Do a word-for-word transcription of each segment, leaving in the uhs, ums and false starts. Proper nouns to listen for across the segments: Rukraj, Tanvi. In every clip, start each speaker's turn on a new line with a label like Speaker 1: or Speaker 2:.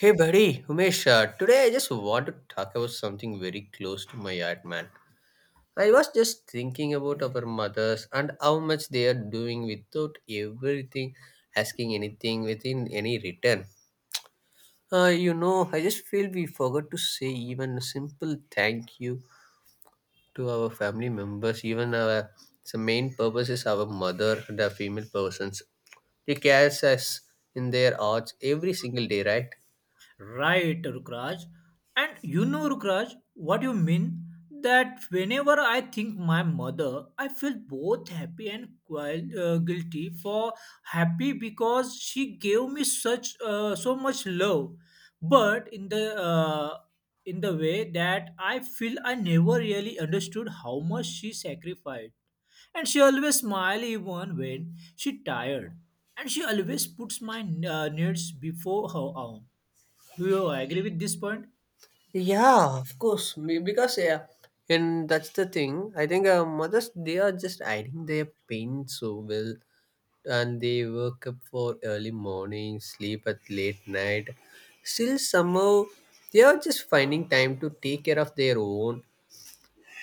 Speaker 1: Hey buddy, Umesh, uh, today I just want to talk about something very close to my heart, man. I was just thinking about our mothers and how much they are doing without everything, asking anything within any return. Uh, you know, I just feel we forgot to say even a simple thank you to our family members. Even our the main purpose is our mother, the female persons. They carry us in their hearts every single day, right?
Speaker 2: Right, Rukraj. And you know, Rukraj, what you mean? That whenever I think my mother, I feel both happy and quite, uh, guilty for happy because she gave me such uh, so much love, but in the uh, in the way that I feel I never really understood how much she sacrificed, and she always smile even when she tired, and she always puts my uh, needs before her own. Do you agree with this point?
Speaker 1: Yeah, of course. Be- Because yeah, and that's the thing. I think uh, mothers they are just hiding their pain so well, and they wake up for early morning, sleep at late night. Still, somehow they are just finding time to take care of their own,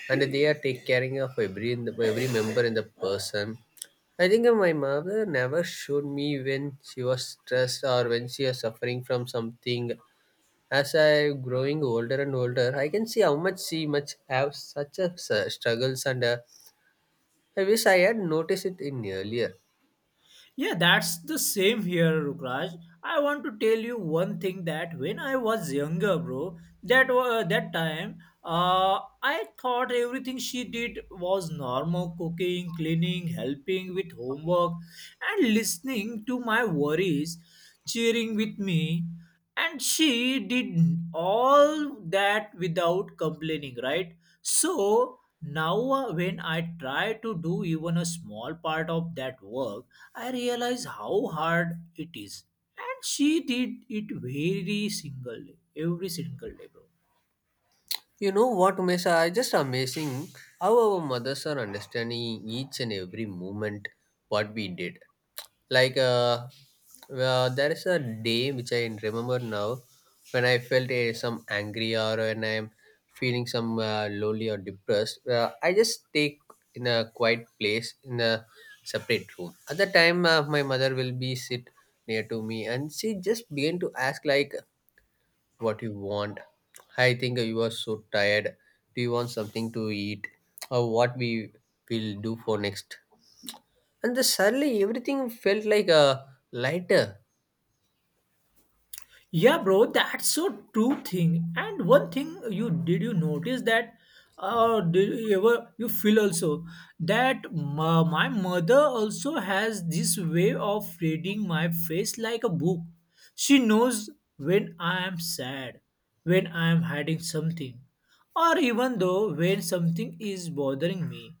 Speaker 1: and they are take caring of every in the, every member in the person. I think uh, my mother never showed me when she was stressed or when she was suffering from something as I growing older and older, I can see how much she much have such a s- struggles, and uh, I wish I had noticed it in earlier.
Speaker 2: Yeah, that's the same here, Rukraj. I want to tell you one thing that when I was younger, bro, that wa- uh, that time, uh, I thought everything she did was normal: cooking, cleaning, helping with homework, and listening to my worries, cheering with me. And she did all that without complaining, right? So now, uh, when I try to do even a small part of that work, I realized how hard it is. And she did it very single day, every single day, bro.
Speaker 1: You know what, Umesha? I just amazing how our mothers are understanding each and every moment what we did. Like uh, uh, there is a day which I remember now when I felt uh, some angry or when I'm feeling some uh, lonely or depressed. Uh, I just take in a quiet place in a separate room. At the time, uh, my mother will be sit near to me and she just began to ask like what you want. I think you are so tired. Do you want something to eat? Or what we will do for next? And the suddenly everything felt like a lighter.
Speaker 2: Yeah, bro, that's so true thing. And one thing, you did you notice that, uh did you ever you feel also that my, my mother also has this way of reading my face like a book. She knows when I am sad, when I am hiding something, or even though when something is bothering me.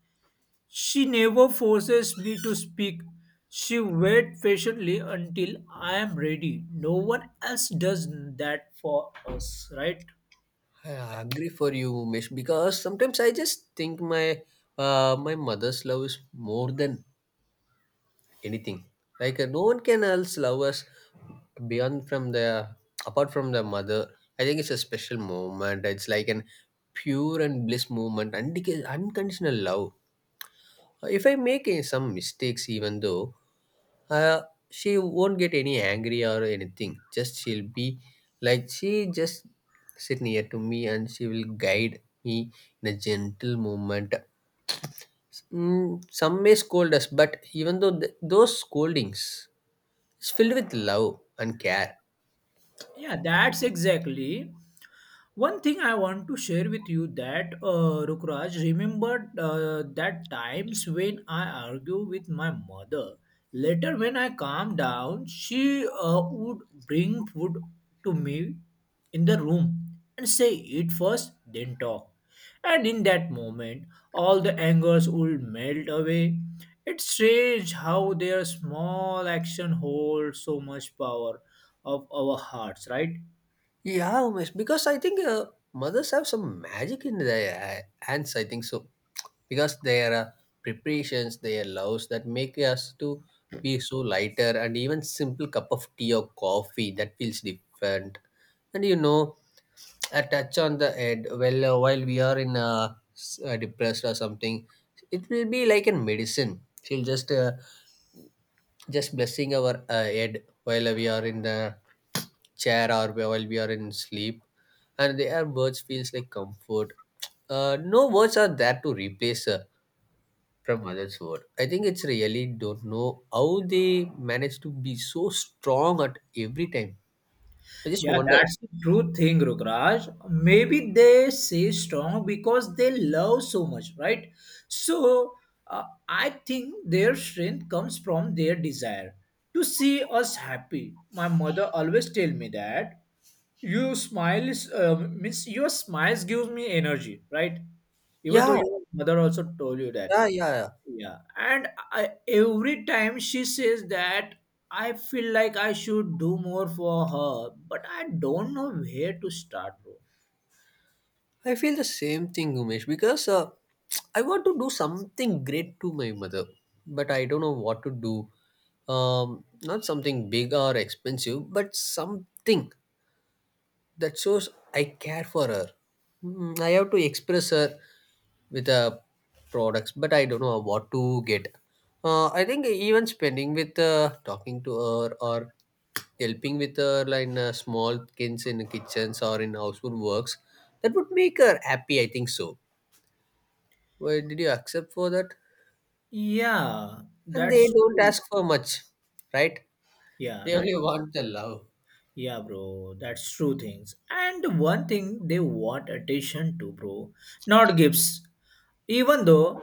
Speaker 2: She never forces me to speak. She waits patiently until I am ready. No one else does that for us, right?
Speaker 1: I agree for you, Umesh, because sometimes I just think my uh, my mother's love is more than anything. Like uh, no one can else love us beyond from the apart from the mother. I think it's a special moment. It's like an pure and bliss moment, undic- unconditional love. Uh, If I make eh, some mistakes, even though uh, she won't get any angry or anything, just she'll be like she just sit near to me and she will guide me in a gentle movement. Mm, some may scold us, but even though th- those scoldings is filled with love and care.
Speaker 2: Yeah, that's exactly. One thing I want to share with you that uh, Rukraj, remembered uh, that times when I argue with my mother. Later, when I calmed down, she uh, would bring food to me in the room and say, "Eat first, then talk." And in that moment, all the angers would melt away. It's strange how their small action holds so much power of our hearts, right?
Speaker 1: Yeah, Umesh, because I think uh, mothers have some magic in their uh, hands. I think so, because their uh, preparations, their loves that make us to be so lighter, and even simple cup of tea or coffee that feels different. And you know, a touch on the head. Well, uh, while we are in uh, s- uh, depressed or something, it will be like a medicine. She'll just uh, Just blessing our uh, head while we are in the chair or while we are in sleep and their words feels like comfort uh, no words are there to replace uh, from others word. I think it's really don't know how they manage to be so strong at every time. I just
Speaker 2: Yeah,
Speaker 1: wonder.
Speaker 2: that's the true thing, Rukraj. Maybe they say strong because they love so much, right? So uh, I think their strength comes from their desire to see us happy. My mother always tell me that you smile is uh, means your smiles gives me energy, right? Even though
Speaker 1: Yeah.
Speaker 2: your mother also told you that.
Speaker 1: Yeah yeah
Speaker 2: Yeah, and I, every time she says that, I feel like I should do more for her, but I don't know where to start, bro.
Speaker 1: I feel the same thing, Umesh, because uh, I want to do something great to my mother, but I don't know what to do. Um, not something big or expensive, but something. That shows I care for her. Mm, I have to express her with uh, products, but I don't know what to get. Uh, I think even spending with uh, talking to her or helping with her like in, uh, small things in kitchens or in household works, that would make her happy. I think so. Why did you accept for that?
Speaker 2: Yeah,
Speaker 1: And
Speaker 2: that's
Speaker 1: they don't
Speaker 2: true.
Speaker 1: ask for much, right?
Speaker 2: Yeah,
Speaker 1: They
Speaker 2: right.
Speaker 1: only want the love.
Speaker 2: Yeah, bro, that's true things. And one thing they want attention to, bro, not gifts. Even though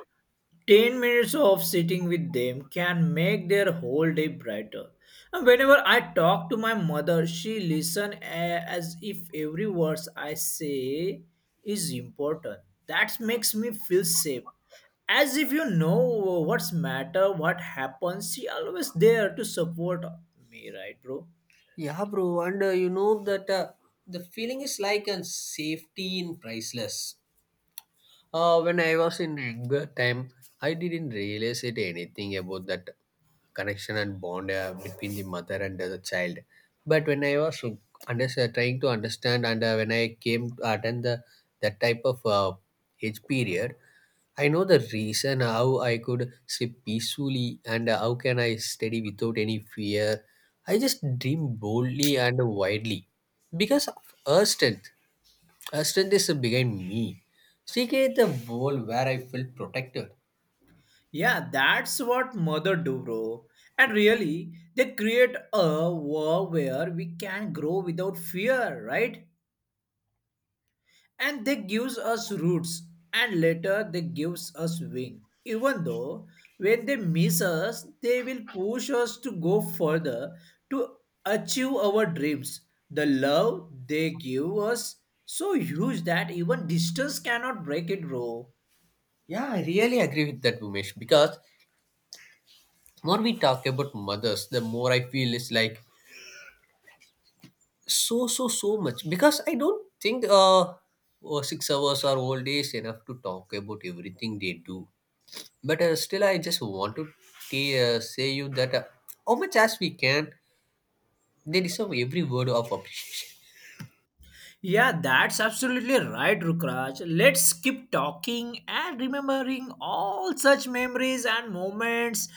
Speaker 2: ten minutes of sitting with them can make their whole day brighter. And whenever I talk to my mother, she listens as if every word I say is important. That makes me feel safe. As if you know what's matter, what happens, she always there to support me, right, bro?
Speaker 1: Yeah, bro, and uh, you know that uh, the feeling is like a safety in priceless. Uh, when I was in younger time, I didn't realize it anything about that connection and bond uh, between the mother and the child. But when I was under, uh, trying to understand, and uh, when I came to attend the that type of uh, age period, I know the reason how I could sleep peacefully and uh, how can I study without any fear. I just dream boldly and widely because of her strength. Her strength is behind me. She created a world where I felt protected.
Speaker 2: Yeah, that's what mother do, bro. And really, they create a world where we can grow without fear, right? And they gives us roots, and later they gives us wing, even though when they miss us they will push us to go further to achieve our dreams. The love they give us so huge that even distance cannot break it, bro.
Speaker 1: Yeah, I really agree with that, Umesh, because the more we talk about mothers, the more I feel it's like so, so, so much. Because I don't think uh, oh, six hours or all day is enough to talk about everything they do. But uh, still, I just want to t- uh, say you that uh, how much as we can, they deserve every word of appreciation.
Speaker 2: Yeah, that's absolutely right, Rukraj. Let's keep talking and remembering all such memories and moments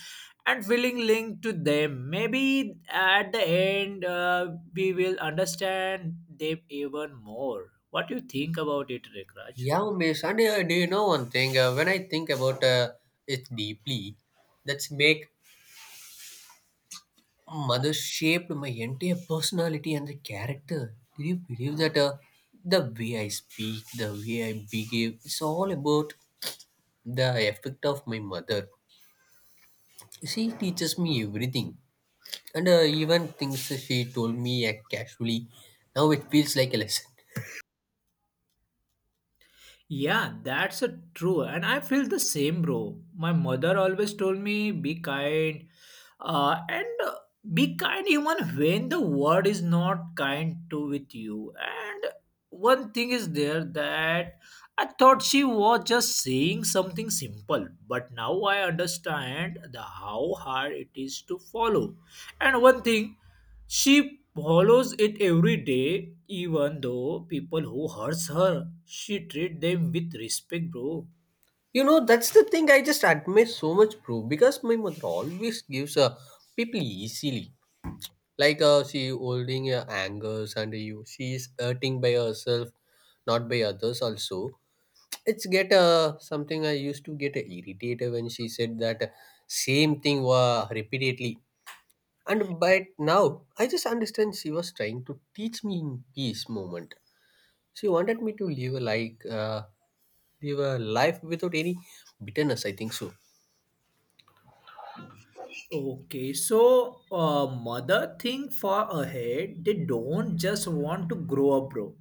Speaker 2: and feeling linked to them. Maybe at the end, uh, we will understand them even more. What do you think about it, Rukraj?
Speaker 1: Yeah, Umesh, and uh, do you know one thing? Uh, when I think about uh, it deeply, that's make mother shaped my entire personality and the character. Do you believe that uh, the way I speak, the way I behave, it's all about the effect of my mother. She teaches me everything, and uh, even things that she told me uh, casually. Now it feels like a lesson.
Speaker 2: Yeah, that's a true. And I feel the same, bro. My mother always told me be kind. Uh, and uh, Be kind even when the world is not kind to with you. And one thing is there that I thought she was just saying something simple, but now I understand the how hard it is to follow. And one thing, she follows it every day, even though people who hurts her, she treat them with respect, bro.
Speaker 1: You know, that's the thing I just admire so much, bro. Because my mother always gives uh, people easily like uh, she holding her angers and you she is hurting by herself, not by others also. It's get uh, something I used to get irritated when she said that uh, same thing uh, repeatedly. And but now I just understand she was trying to teach me in peace moment. She wanted me to live a like uh, live a life without any bitterness. I think so.
Speaker 2: Okay, so uh, mother think far ahead. They don't just want to grow up, bro.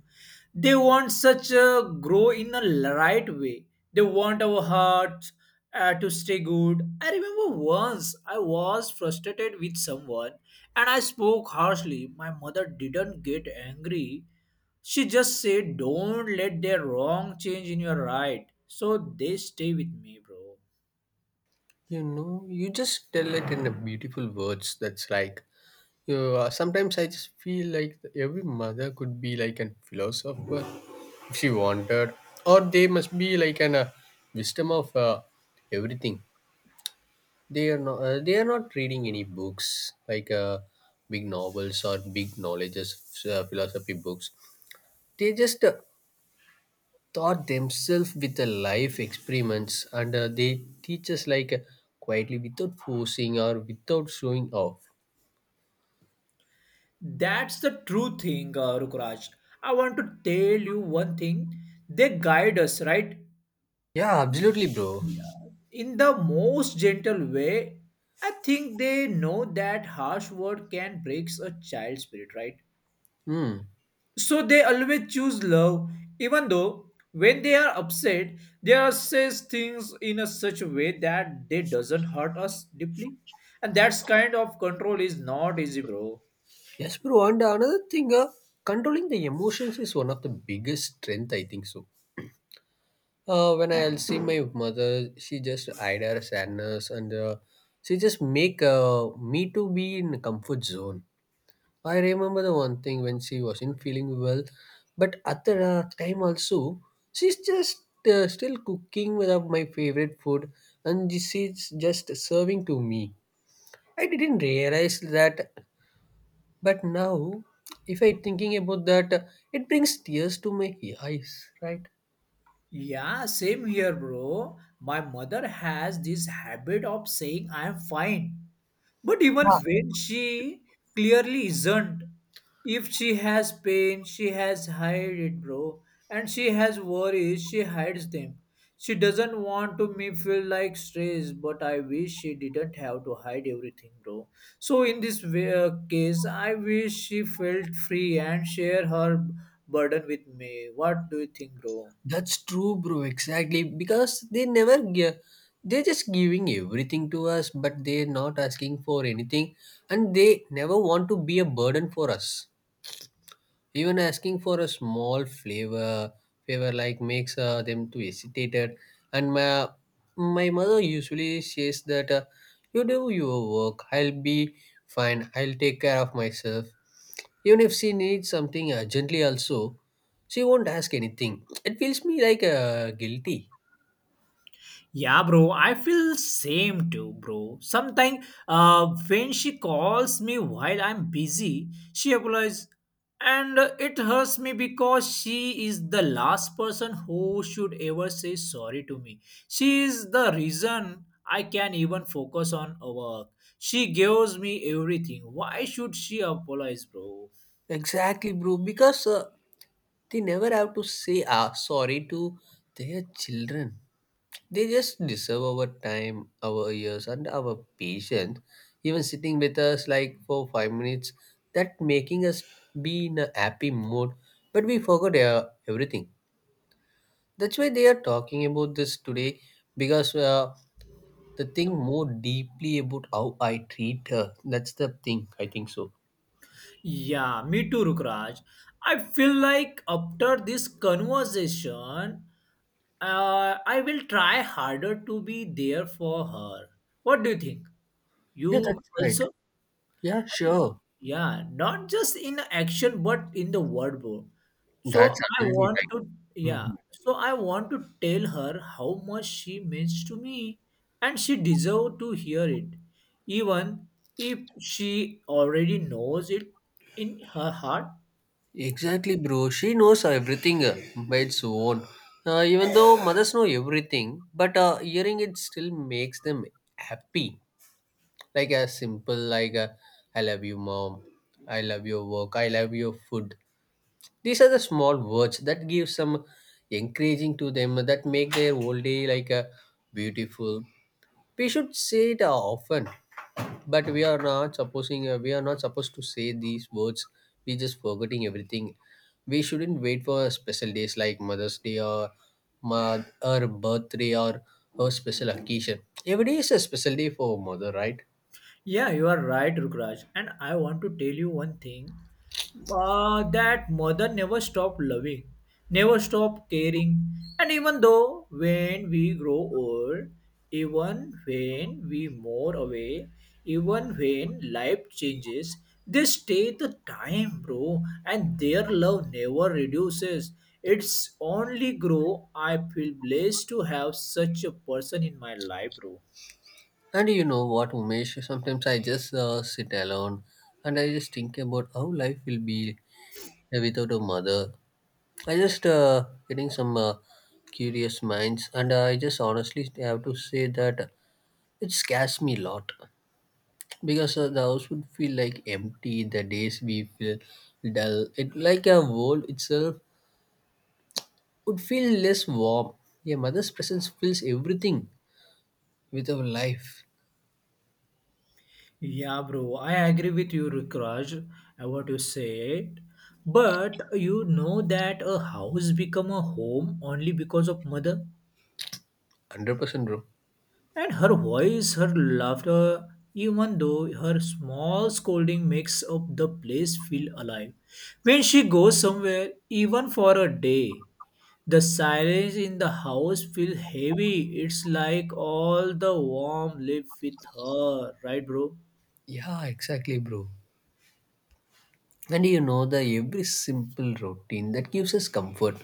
Speaker 2: They want such a grow in a l- right way. They want our hearts uh, to stay good. I remember once I was frustrated with someone and I spoke harshly. My mother didn't get angry. She just said, don't let their wrong change in your right. So they stay with me, bro.
Speaker 1: You know, you just tell it in a beautiful words, that's like, yeah, sometimes I just feel like every mother could be like a philosopher if she wanted, or they must be like an uh, wisdom of uh, everything. They are not. Uh, they are not reading any books like uh, big novels or big knowledges uh, philosophy books. They just uh, taught themselves with the life experiments, and uh, they teach us like uh, quietly without forcing or without showing off.
Speaker 2: That's the true thing, uh, Rukraj. I want to tell you one thing. They guide us, right?
Speaker 1: Yeah, absolutely, bro.
Speaker 2: Yeah. In the most gentle way. I think they know that harsh word can breaks a child's spirit, right?
Speaker 1: Hmm.
Speaker 2: So they always choose love, even though when they are upset, they are says things in a such a way that they doesn't hurt us deeply. And that's kind of control is not easy, bro.
Speaker 1: Yes, bro. And another thing, uh, controlling the emotions is one of the biggest strength, I think so. Uh, when I'll see my mother, she just hide her sadness and uh, she just make uh, me to be in a comfort zone. I remember the one thing when she wasn't feeling well, but at the uh, time also, she's just uh, still cooking with uh, my favorite food and she's just serving to me. I didn't realize that, but now, if I thinking about that, uh, it brings tears to my eyes, right?
Speaker 2: Yeah, same here, bro. My mother has this habit of saying I am fine. But even
Speaker 1: Yeah.
Speaker 2: when she clearly isn't, if she has pain, she has hide it, bro. And she has worries, she hides them. She doesn't want to me feel like stress, but I wish she didn't have to hide everything, bro. So in this way, uh, case, I wish she felt free and share her burden with me. What do you think, bro?
Speaker 1: That's true, bro. Exactly, because they never give. They're just giving everything to us, but they're not asking for anything, and they never want to be a burden for us. Even asking for a small flavor, favor like makes uh, them to hesitated. And my my mother usually says that uh, you do your work. I'll be fine. I'll take care of myself. Even if she needs something urgently, also, she won't ask anything. It feels me like uh, guilty.
Speaker 2: Yeah, bro, I feel same too, bro. Sometimes uh, when she calls me while I'm busy, she apologizes, and uh, it hurts me because she is the last person who should ever say sorry to me. She is the reason I can even focus on work. She gives me everything. Why should she apologize, bro?
Speaker 1: Exactly, bro. Because uh, they never have to say ah, sorry to their children. They just deserve our time, our ears, and our patience. Even sitting with us like for five minutes, that making us be in a happy mood. But we forgot uh, everything. That's why they are talking about this today because uh, the thing more deeply about how I treat her. That's the thing. I think so.
Speaker 2: Yeah, me too, Rukraj. I feel like after this conversation, uh, I will try harder to be there for her. What do you think?
Speaker 1: Yeah,
Speaker 2: You
Speaker 1: that's right.
Speaker 2: also?
Speaker 1: Yeah, sure.
Speaker 2: Yeah, not just in action, but in the word, bro. So
Speaker 1: That's
Speaker 2: I
Speaker 1: absolutely
Speaker 2: want
Speaker 1: right.
Speaker 2: to, yeah.
Speaker 1: Mhm.
Speaker 2: So I want to tell her how much she means to me, and she deserves to hear it, even if she already knows it in her heart.
Speaker 1: Exactly, bro. She knows everything uh, by its own. Uh, even though mothers know everything, but uh, hearing it still makes them happy. Like a simple, like a, I love you, mom. I love your work. I love your food. These are the small words that give some encouraging to them that make their whole day like a beautiful. We should say it uh, often, but we are not supposing uh, we are not supposed to say these words. We just forgetting everything. We shouldn't wait for special days like Mother's Day or ma- or birthday or a special occasion. Every day is a special day for mother, right?
Speaker 2: Yeah, you are right, Rukraj. And I want to tell you one thing uh, that mother never stopped loving, never stopped caring. And even though when we grow old, even when we more away, even when life changes, they stay the time, bro. And their love never reduces. It's only grow. I feel blessed to have such a person in my life, bro.
Speaker 1: And you know what, Umesh, sometimes I just uh, sit alone and I just think about how life will be. Yeah, without a mother, I just uh, getting some uh, curious minds, and uh, I just honestly have to say that it scares me a lot because uh, the house would feel like empty. The days we feel dull, it like a world itself would feel less warm. Yeah, mother's presence fills everything with our life.
Speaker 2: Yeah, bro, I agree with you, Rukraj, uh, what you said. But you know that a house become a home only because of mother
Speaker 1: Hundred percent, bro.
Speaker 2: and her voice, her laughter, even though her small scolding makes up the place feel alive. When she goes somewhere, even for a day, the silence in the house feel heavy. It's like all the warm live with her, right, bro?
Speaker 1: Yeah, exactly, bro. And you know the every simple routine that gives us comfort,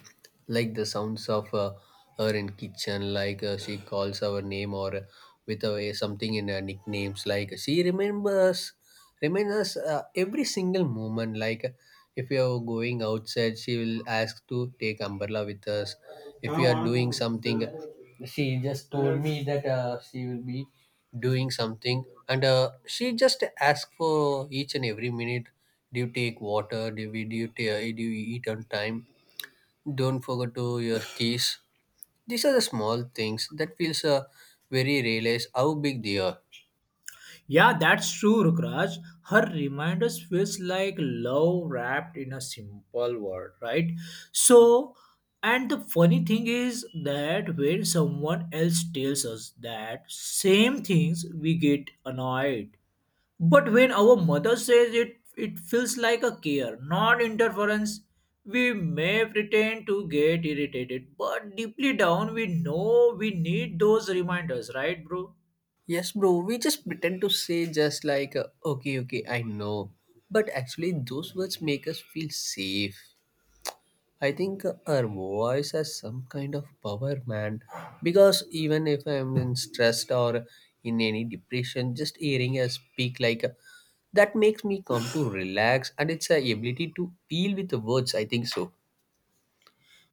Speaker 1: like the sounds of uh, her in kitchen, like uh, she calls our name, or uh, with a something in her nicknames, like she remembers, reminds us uh, every single moment, like uh, if you are going outside she will ask to take umbrella with us, if you are doing something, she just told me that uh, she will be doing something, and uh, she just asked for each and every minute. Do you take water? Do you, do you, ta- do you eat on time? Don't forget to your keys. These are the small things that feels uh, very realize how big they are.
Speaker 2: Yeah, that's true, Rukraj. Her reminders feels like love wrapped in a simple word, right? So, and the funny thing is that when someone else tells us that same things, we get annoyed. But when our mother says it, it feels like a care, not interference. We may pretend to get irritated, but deeply down, we know we need those reminders, right, bro?
Speaker 1: Yes, bro. We just pretend to say, just like uh, okay, okay, I know, but actually those words make us feel safe. I think our voice has some kind of power, man. Because even if I'm in stressed or in any depression, just hearing her speak like that makes me come to relax, and it's a ability to feel with the words, I think so.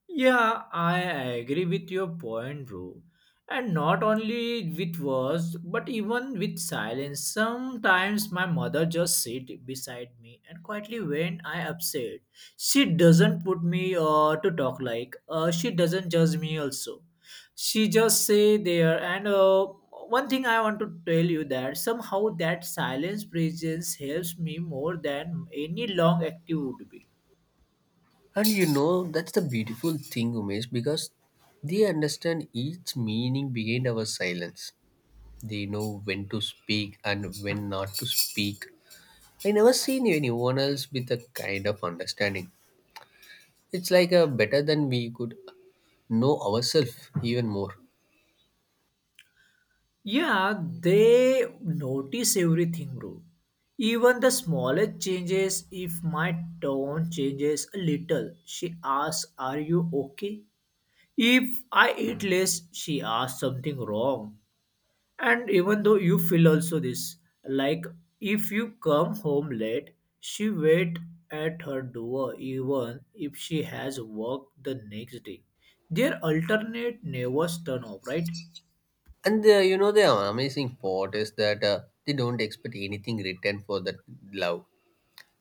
Speaker 2: Yeah, I agree with your point, bro. And not only with words, but even with silence. Sometimes my mother just sit beside me and quietly when I upset, she doesn't put me uh, to talk like. Uh, she doesn't judge me also. She just say there. And uh, one thing I want to tell you that somehow that silence presence helps me more than any long active would be.
Speaker 1: And you know that's the beautiful thing, Umesh, because they understand each meaning behind our silence. They know when to speak and when not to speak. I never seen anyone else with a kind of understanding. It's like a better than we could know ourselves even more.
Speaker 2: Yeah, they notice everything, bro. Even the smallest changes. If my tone changes a little, she asks, are you okay? If I eat less, she asks something wrong. And even though you feel also this, like if you come home late, she wait at her door even if she has work the next day. Their alternate never turn off, right?
Speaker 1: And the, you know the amazing part is that uh, they don't expect anything written for that love.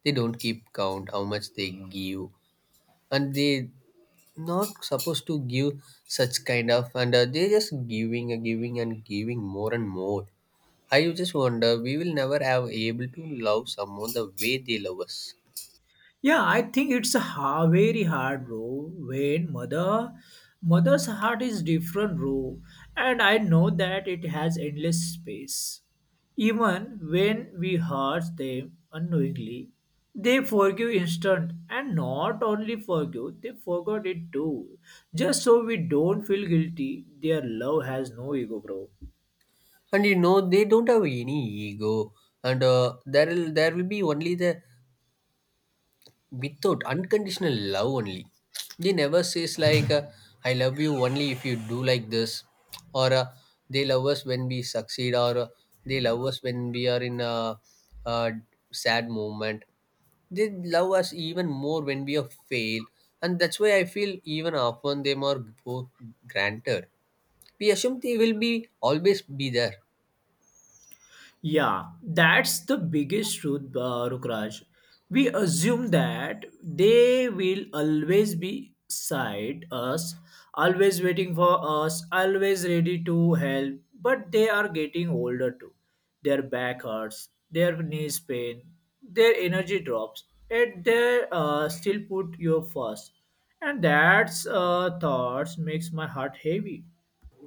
Speaker 1: They don't keep count how much they give, and they not supposed to give such kind of, and uh, they just giving and giving and giving more and more. I just wonder we will never have able to love someone the way they love us.
Speaker 2: Yeah, I think it's a ha- very hard, bro. When mother, mother's heart is different, bro, and I know that it has endless space. Even when we hurt them unknowingly, they forgive instant, and not only forgive, they forgot it too. Just so we don't feel guilty, their love has no ego, bro.
Speaker 1: And you know, they don't have any ego, and uh, there will there will be only the without unconditional love only. They never says like uh, I love you only if you do like this, or uh, they love us when we succeed, or uh, they love us when we are in a, a sad moment. They love us even more when we are fail. And that's why I feel even often them are go- granted. We assume they will be always be there.
Speaker 2: Yeah, that's the biggest truth, uh, Rukraj. We assume that they will always be side us, always waiting for us, always ready to help. But they are getting older too. Their back hurts, their knees pain, their energy drops, and they uh, still put you first. And that's uh, thoughts makes my heart heavy.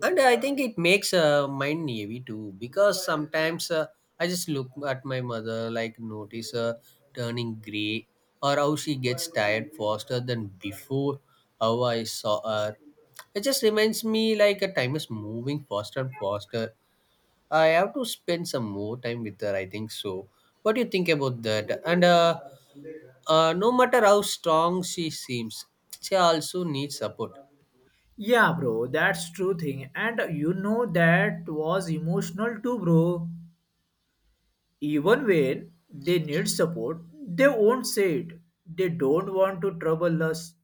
Speaker 1: And I think it makes uh, mind heavy too, because sometimes uh, I just look at my mother like notice her turning gray, or how she gets tired faster than before, how I saw her. It just reminds me like a time is moving faster and faster. I have to spend some more time with her, I think so. What do you think about that? And uh, uh, no matter how strong she seems, she also needs support.
Speaker 2: Yeah, bro, that's true thing. And you know that was emotional too, bro. Even when they need support, they won't say it. They don't want to trouble us.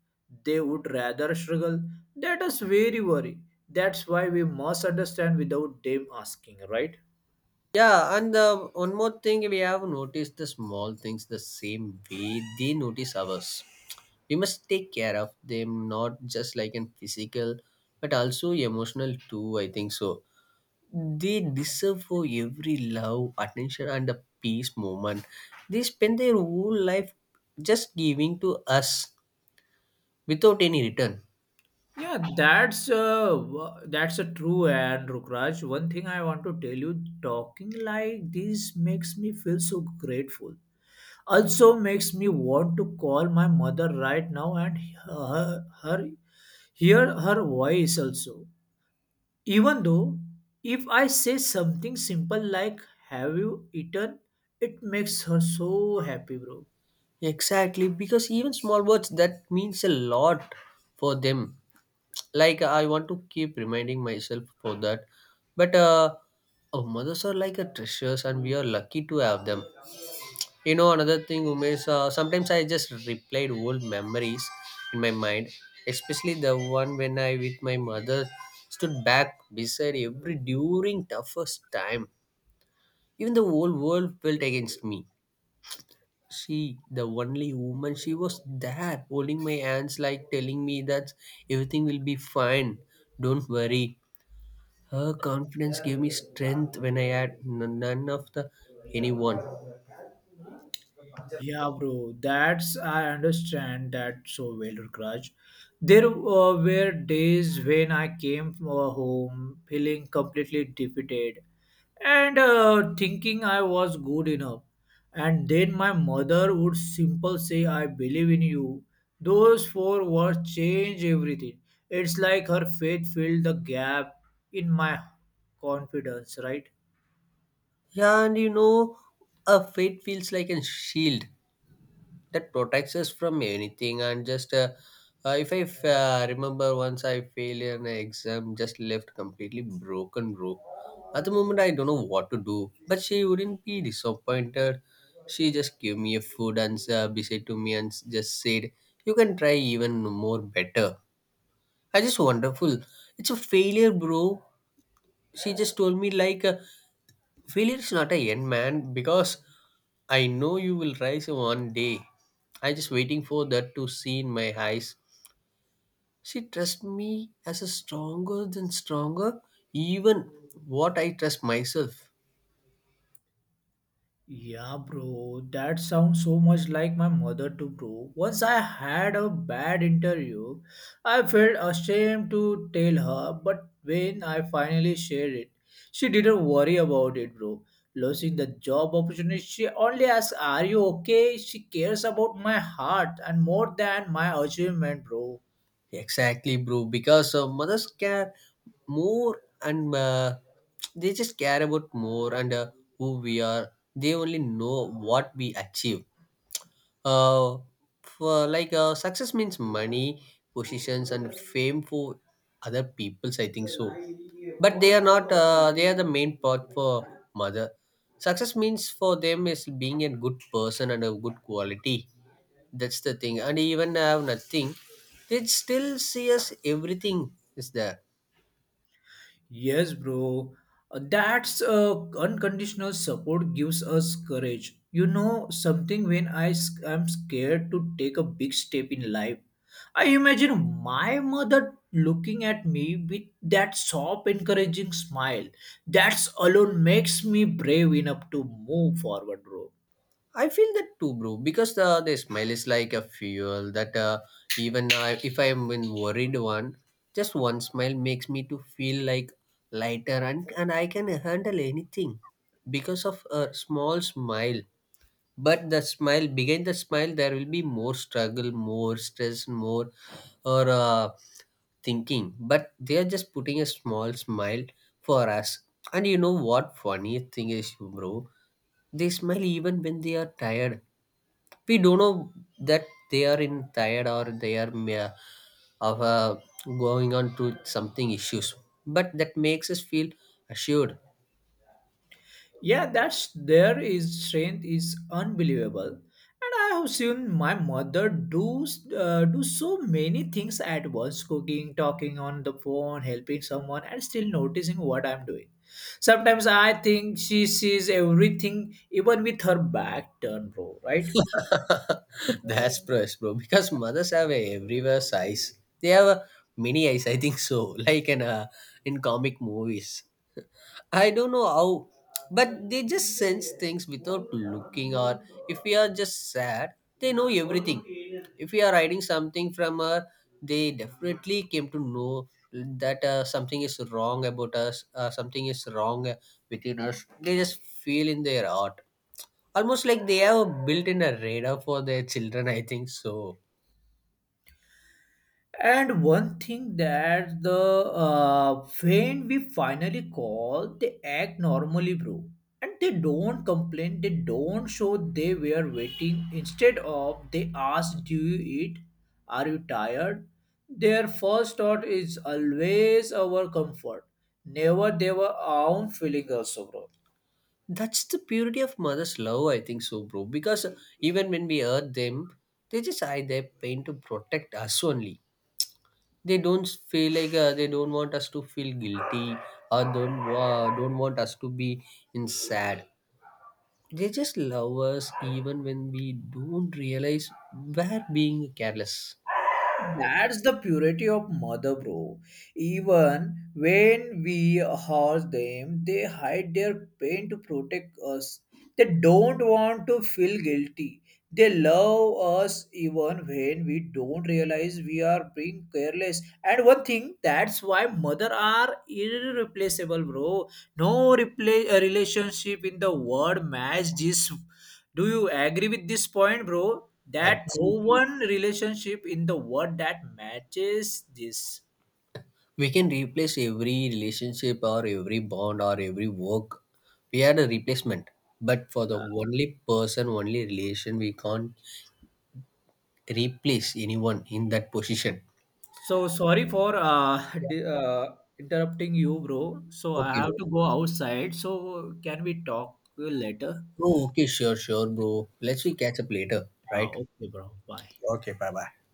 Speaker 2: They would rather struggle. That is very worry. That's why we must understand without them asking, right?
Speaker 1: Yeah, and the one more thing, we have noticed the small things the same way they notice ours. We must take care of them, not just like in physical but also emotional too, I think so. They deserve for every love, attention and a peace moment. They spend their whole life just giving to us without any return.
Speaker 2: Yeah, that's uh, wa- that's a true and Rukraj. One thing I want to tell you, talking like this makes me feel so grateful. Also makes me want to call my mother right now and her, her hear her voice also. Even though if I say something simple like "Have you eaten?" it makes her so happy, bro.
Speaker 1: Exactly, because even small words that means a lot for them. Like I want to keep reminding myself for that. But uh, Our mothers are like a treasures, and we are lucky to have them. You know, another thing, Umesh. Uh, sometimes I just replayed old memories in my mind, especially the one when I with my mother stood back beside every during toughest time. Even the whole world felt against me, she the only woman, she was there holding my hands, like telling me that everything will be fine, don't worry. Her confidence gave me strength when I had n- none of the anyone.
Speaker 2: Yeah, bro, that's I understand that so well, Rukraj. There uh, were days when I came from, uh, home feeling completely defeated and uh, thinking I was good enough. And then my mother would simple say, "I believe in you." Those four words change everything. It's like her faith filled the gap in my confidence, right?
Speaker 1: Yeah, and you know, a faith feels like a shield that protects us from anything. And just uh, uh, if i f- uh, remember once I failed an exam, just left completely broken, bro. At the moment I don't know what to do, but she wouldn't be disappointed. She just gave me a food, and uh, beside to me, and s- just said you can try even more better. I just wonderful. It's a failure, bro. She just told me like uh, failure is not a end, man, because I know you will rise one day. I just waiting for that to see in my eyes. She trusts me as a stronger than stronger, even what I trust myself.
Speaker 2: Yeah, bro, that sounds so much like my mother too, bro. Once I had a bad interview, I felt ashamed to tell her, but when I finally shared it, she didn't worry about it, bro. Losing the job opportunity, she only asked, are you okay? She cares about my heart and more than my achievement, bro.
Speaker 1: Exactly, bro. Because uh, mothers care more, and uh, they just care about more, and uh, who we are. They only know what we achieve. uh, for like uh, success means money, positions and fame for other peoples, I think so. But they are not uh, they are the main part for mother. Success means for them is being a good person and a good quality. That's the thing. And even have nothing, they still see us everything is there.
Speaker 2: Yes, bro. Uh, That's uh, unconditional support gives us courage. You know something when I s- am scared to take a big step in life. I imagine my mother looking at me with that soft, encouraging smile. That's alone makes me brave enough to move forward, bro.
Speaker 1: I feel that too, bro. Because the the smile is like a fuel that uh, even uh, if I am in worried one, just one smile makes me to feel like lighter, and, and I can handle anything because of a small smile. But the smile behind the smile, there will be more struggle, more stress, more, or uh, thinking. But they are just putting a small smile for us. And you know what? Funny thing is, bro, they smile even when they are tired. We don't know that they are in tired, or they are ma- of uh, going on to something issues, but that makes us feel assured.
Speaker 2: Yeah, that's there is strength is unbelievable, and I have seen my mother do uh, do so many things at once: cooking, talking on the phone, helping someone, and still noticing what I'm doing. Sometimes I think she sees everything, even with her back turned, bro. Right?
Speaker 1: That's press, bro. Because mothers have a everywhere size. They have a mini eyes, I think so. Like in uh, in comic movies. I don't know how, but they just sense things without looking. Or if we are just sad, they know everything. If we are hiding something from her, they definitely came to know that uh, something is wrong about us, uh, something is wrong uh, within us. They just feel in their heart, almost like they have built in a radar for their children, I think so.
Speaker 2: And one thing that the uh, when we finally call, they act normally, bro. And they don't complain. They don't show they were waiting. Instead of they ask, "Do you eat? Are you tired?" Their first thought is always our comfort. Never their own feeling also, bro.
Speaker 1: That's the purity of mother's love, I think so, bro. Because even when we hurt them, they just hide their pain to protect us only. They don't feel like uh, they don't want us to feel guilty, or don't wa- don't want us to be in sad. They just love us even when we don't realize we're being careless.
Speaker 2: That's the purity of mother, bro. Even when we harsh them, they hide their pain to protect us. They don't want to feel guilty. They love us even when we don't realize we are being careless. And one thing, that's why mother are irreplaceable, bro. No repla- uh, relationship in the world match this, do you agree with this point, bro? That no
Speaker 1: Absolutely.
Speaker 2: one relationship in the world that matches this.
Speaker 1: We can replace every relationship, or every bond, or every work, we had a replacement, but for the
Speaker 2: Uh,
Speaker 1: only person, only relation, we can't replace anyone in that position.
Speaker 2: so sorry for uh, di- uh, interrupting you, bro. So I
Speaker 1: Okay,
Speaker 2: have
Speaker 1: bro.
Speaker 2: to go outside. So can we talk later?
Speaker 1: Oh, okay, sure, sure, bro, let's
Speaker 2: So,
Speaker 1: we catch up later,
Speaker 2: uh,
Speaker 1: right.
Speaker 2: okay, bro. Bye.
Speaker 1: Okay, bye bye.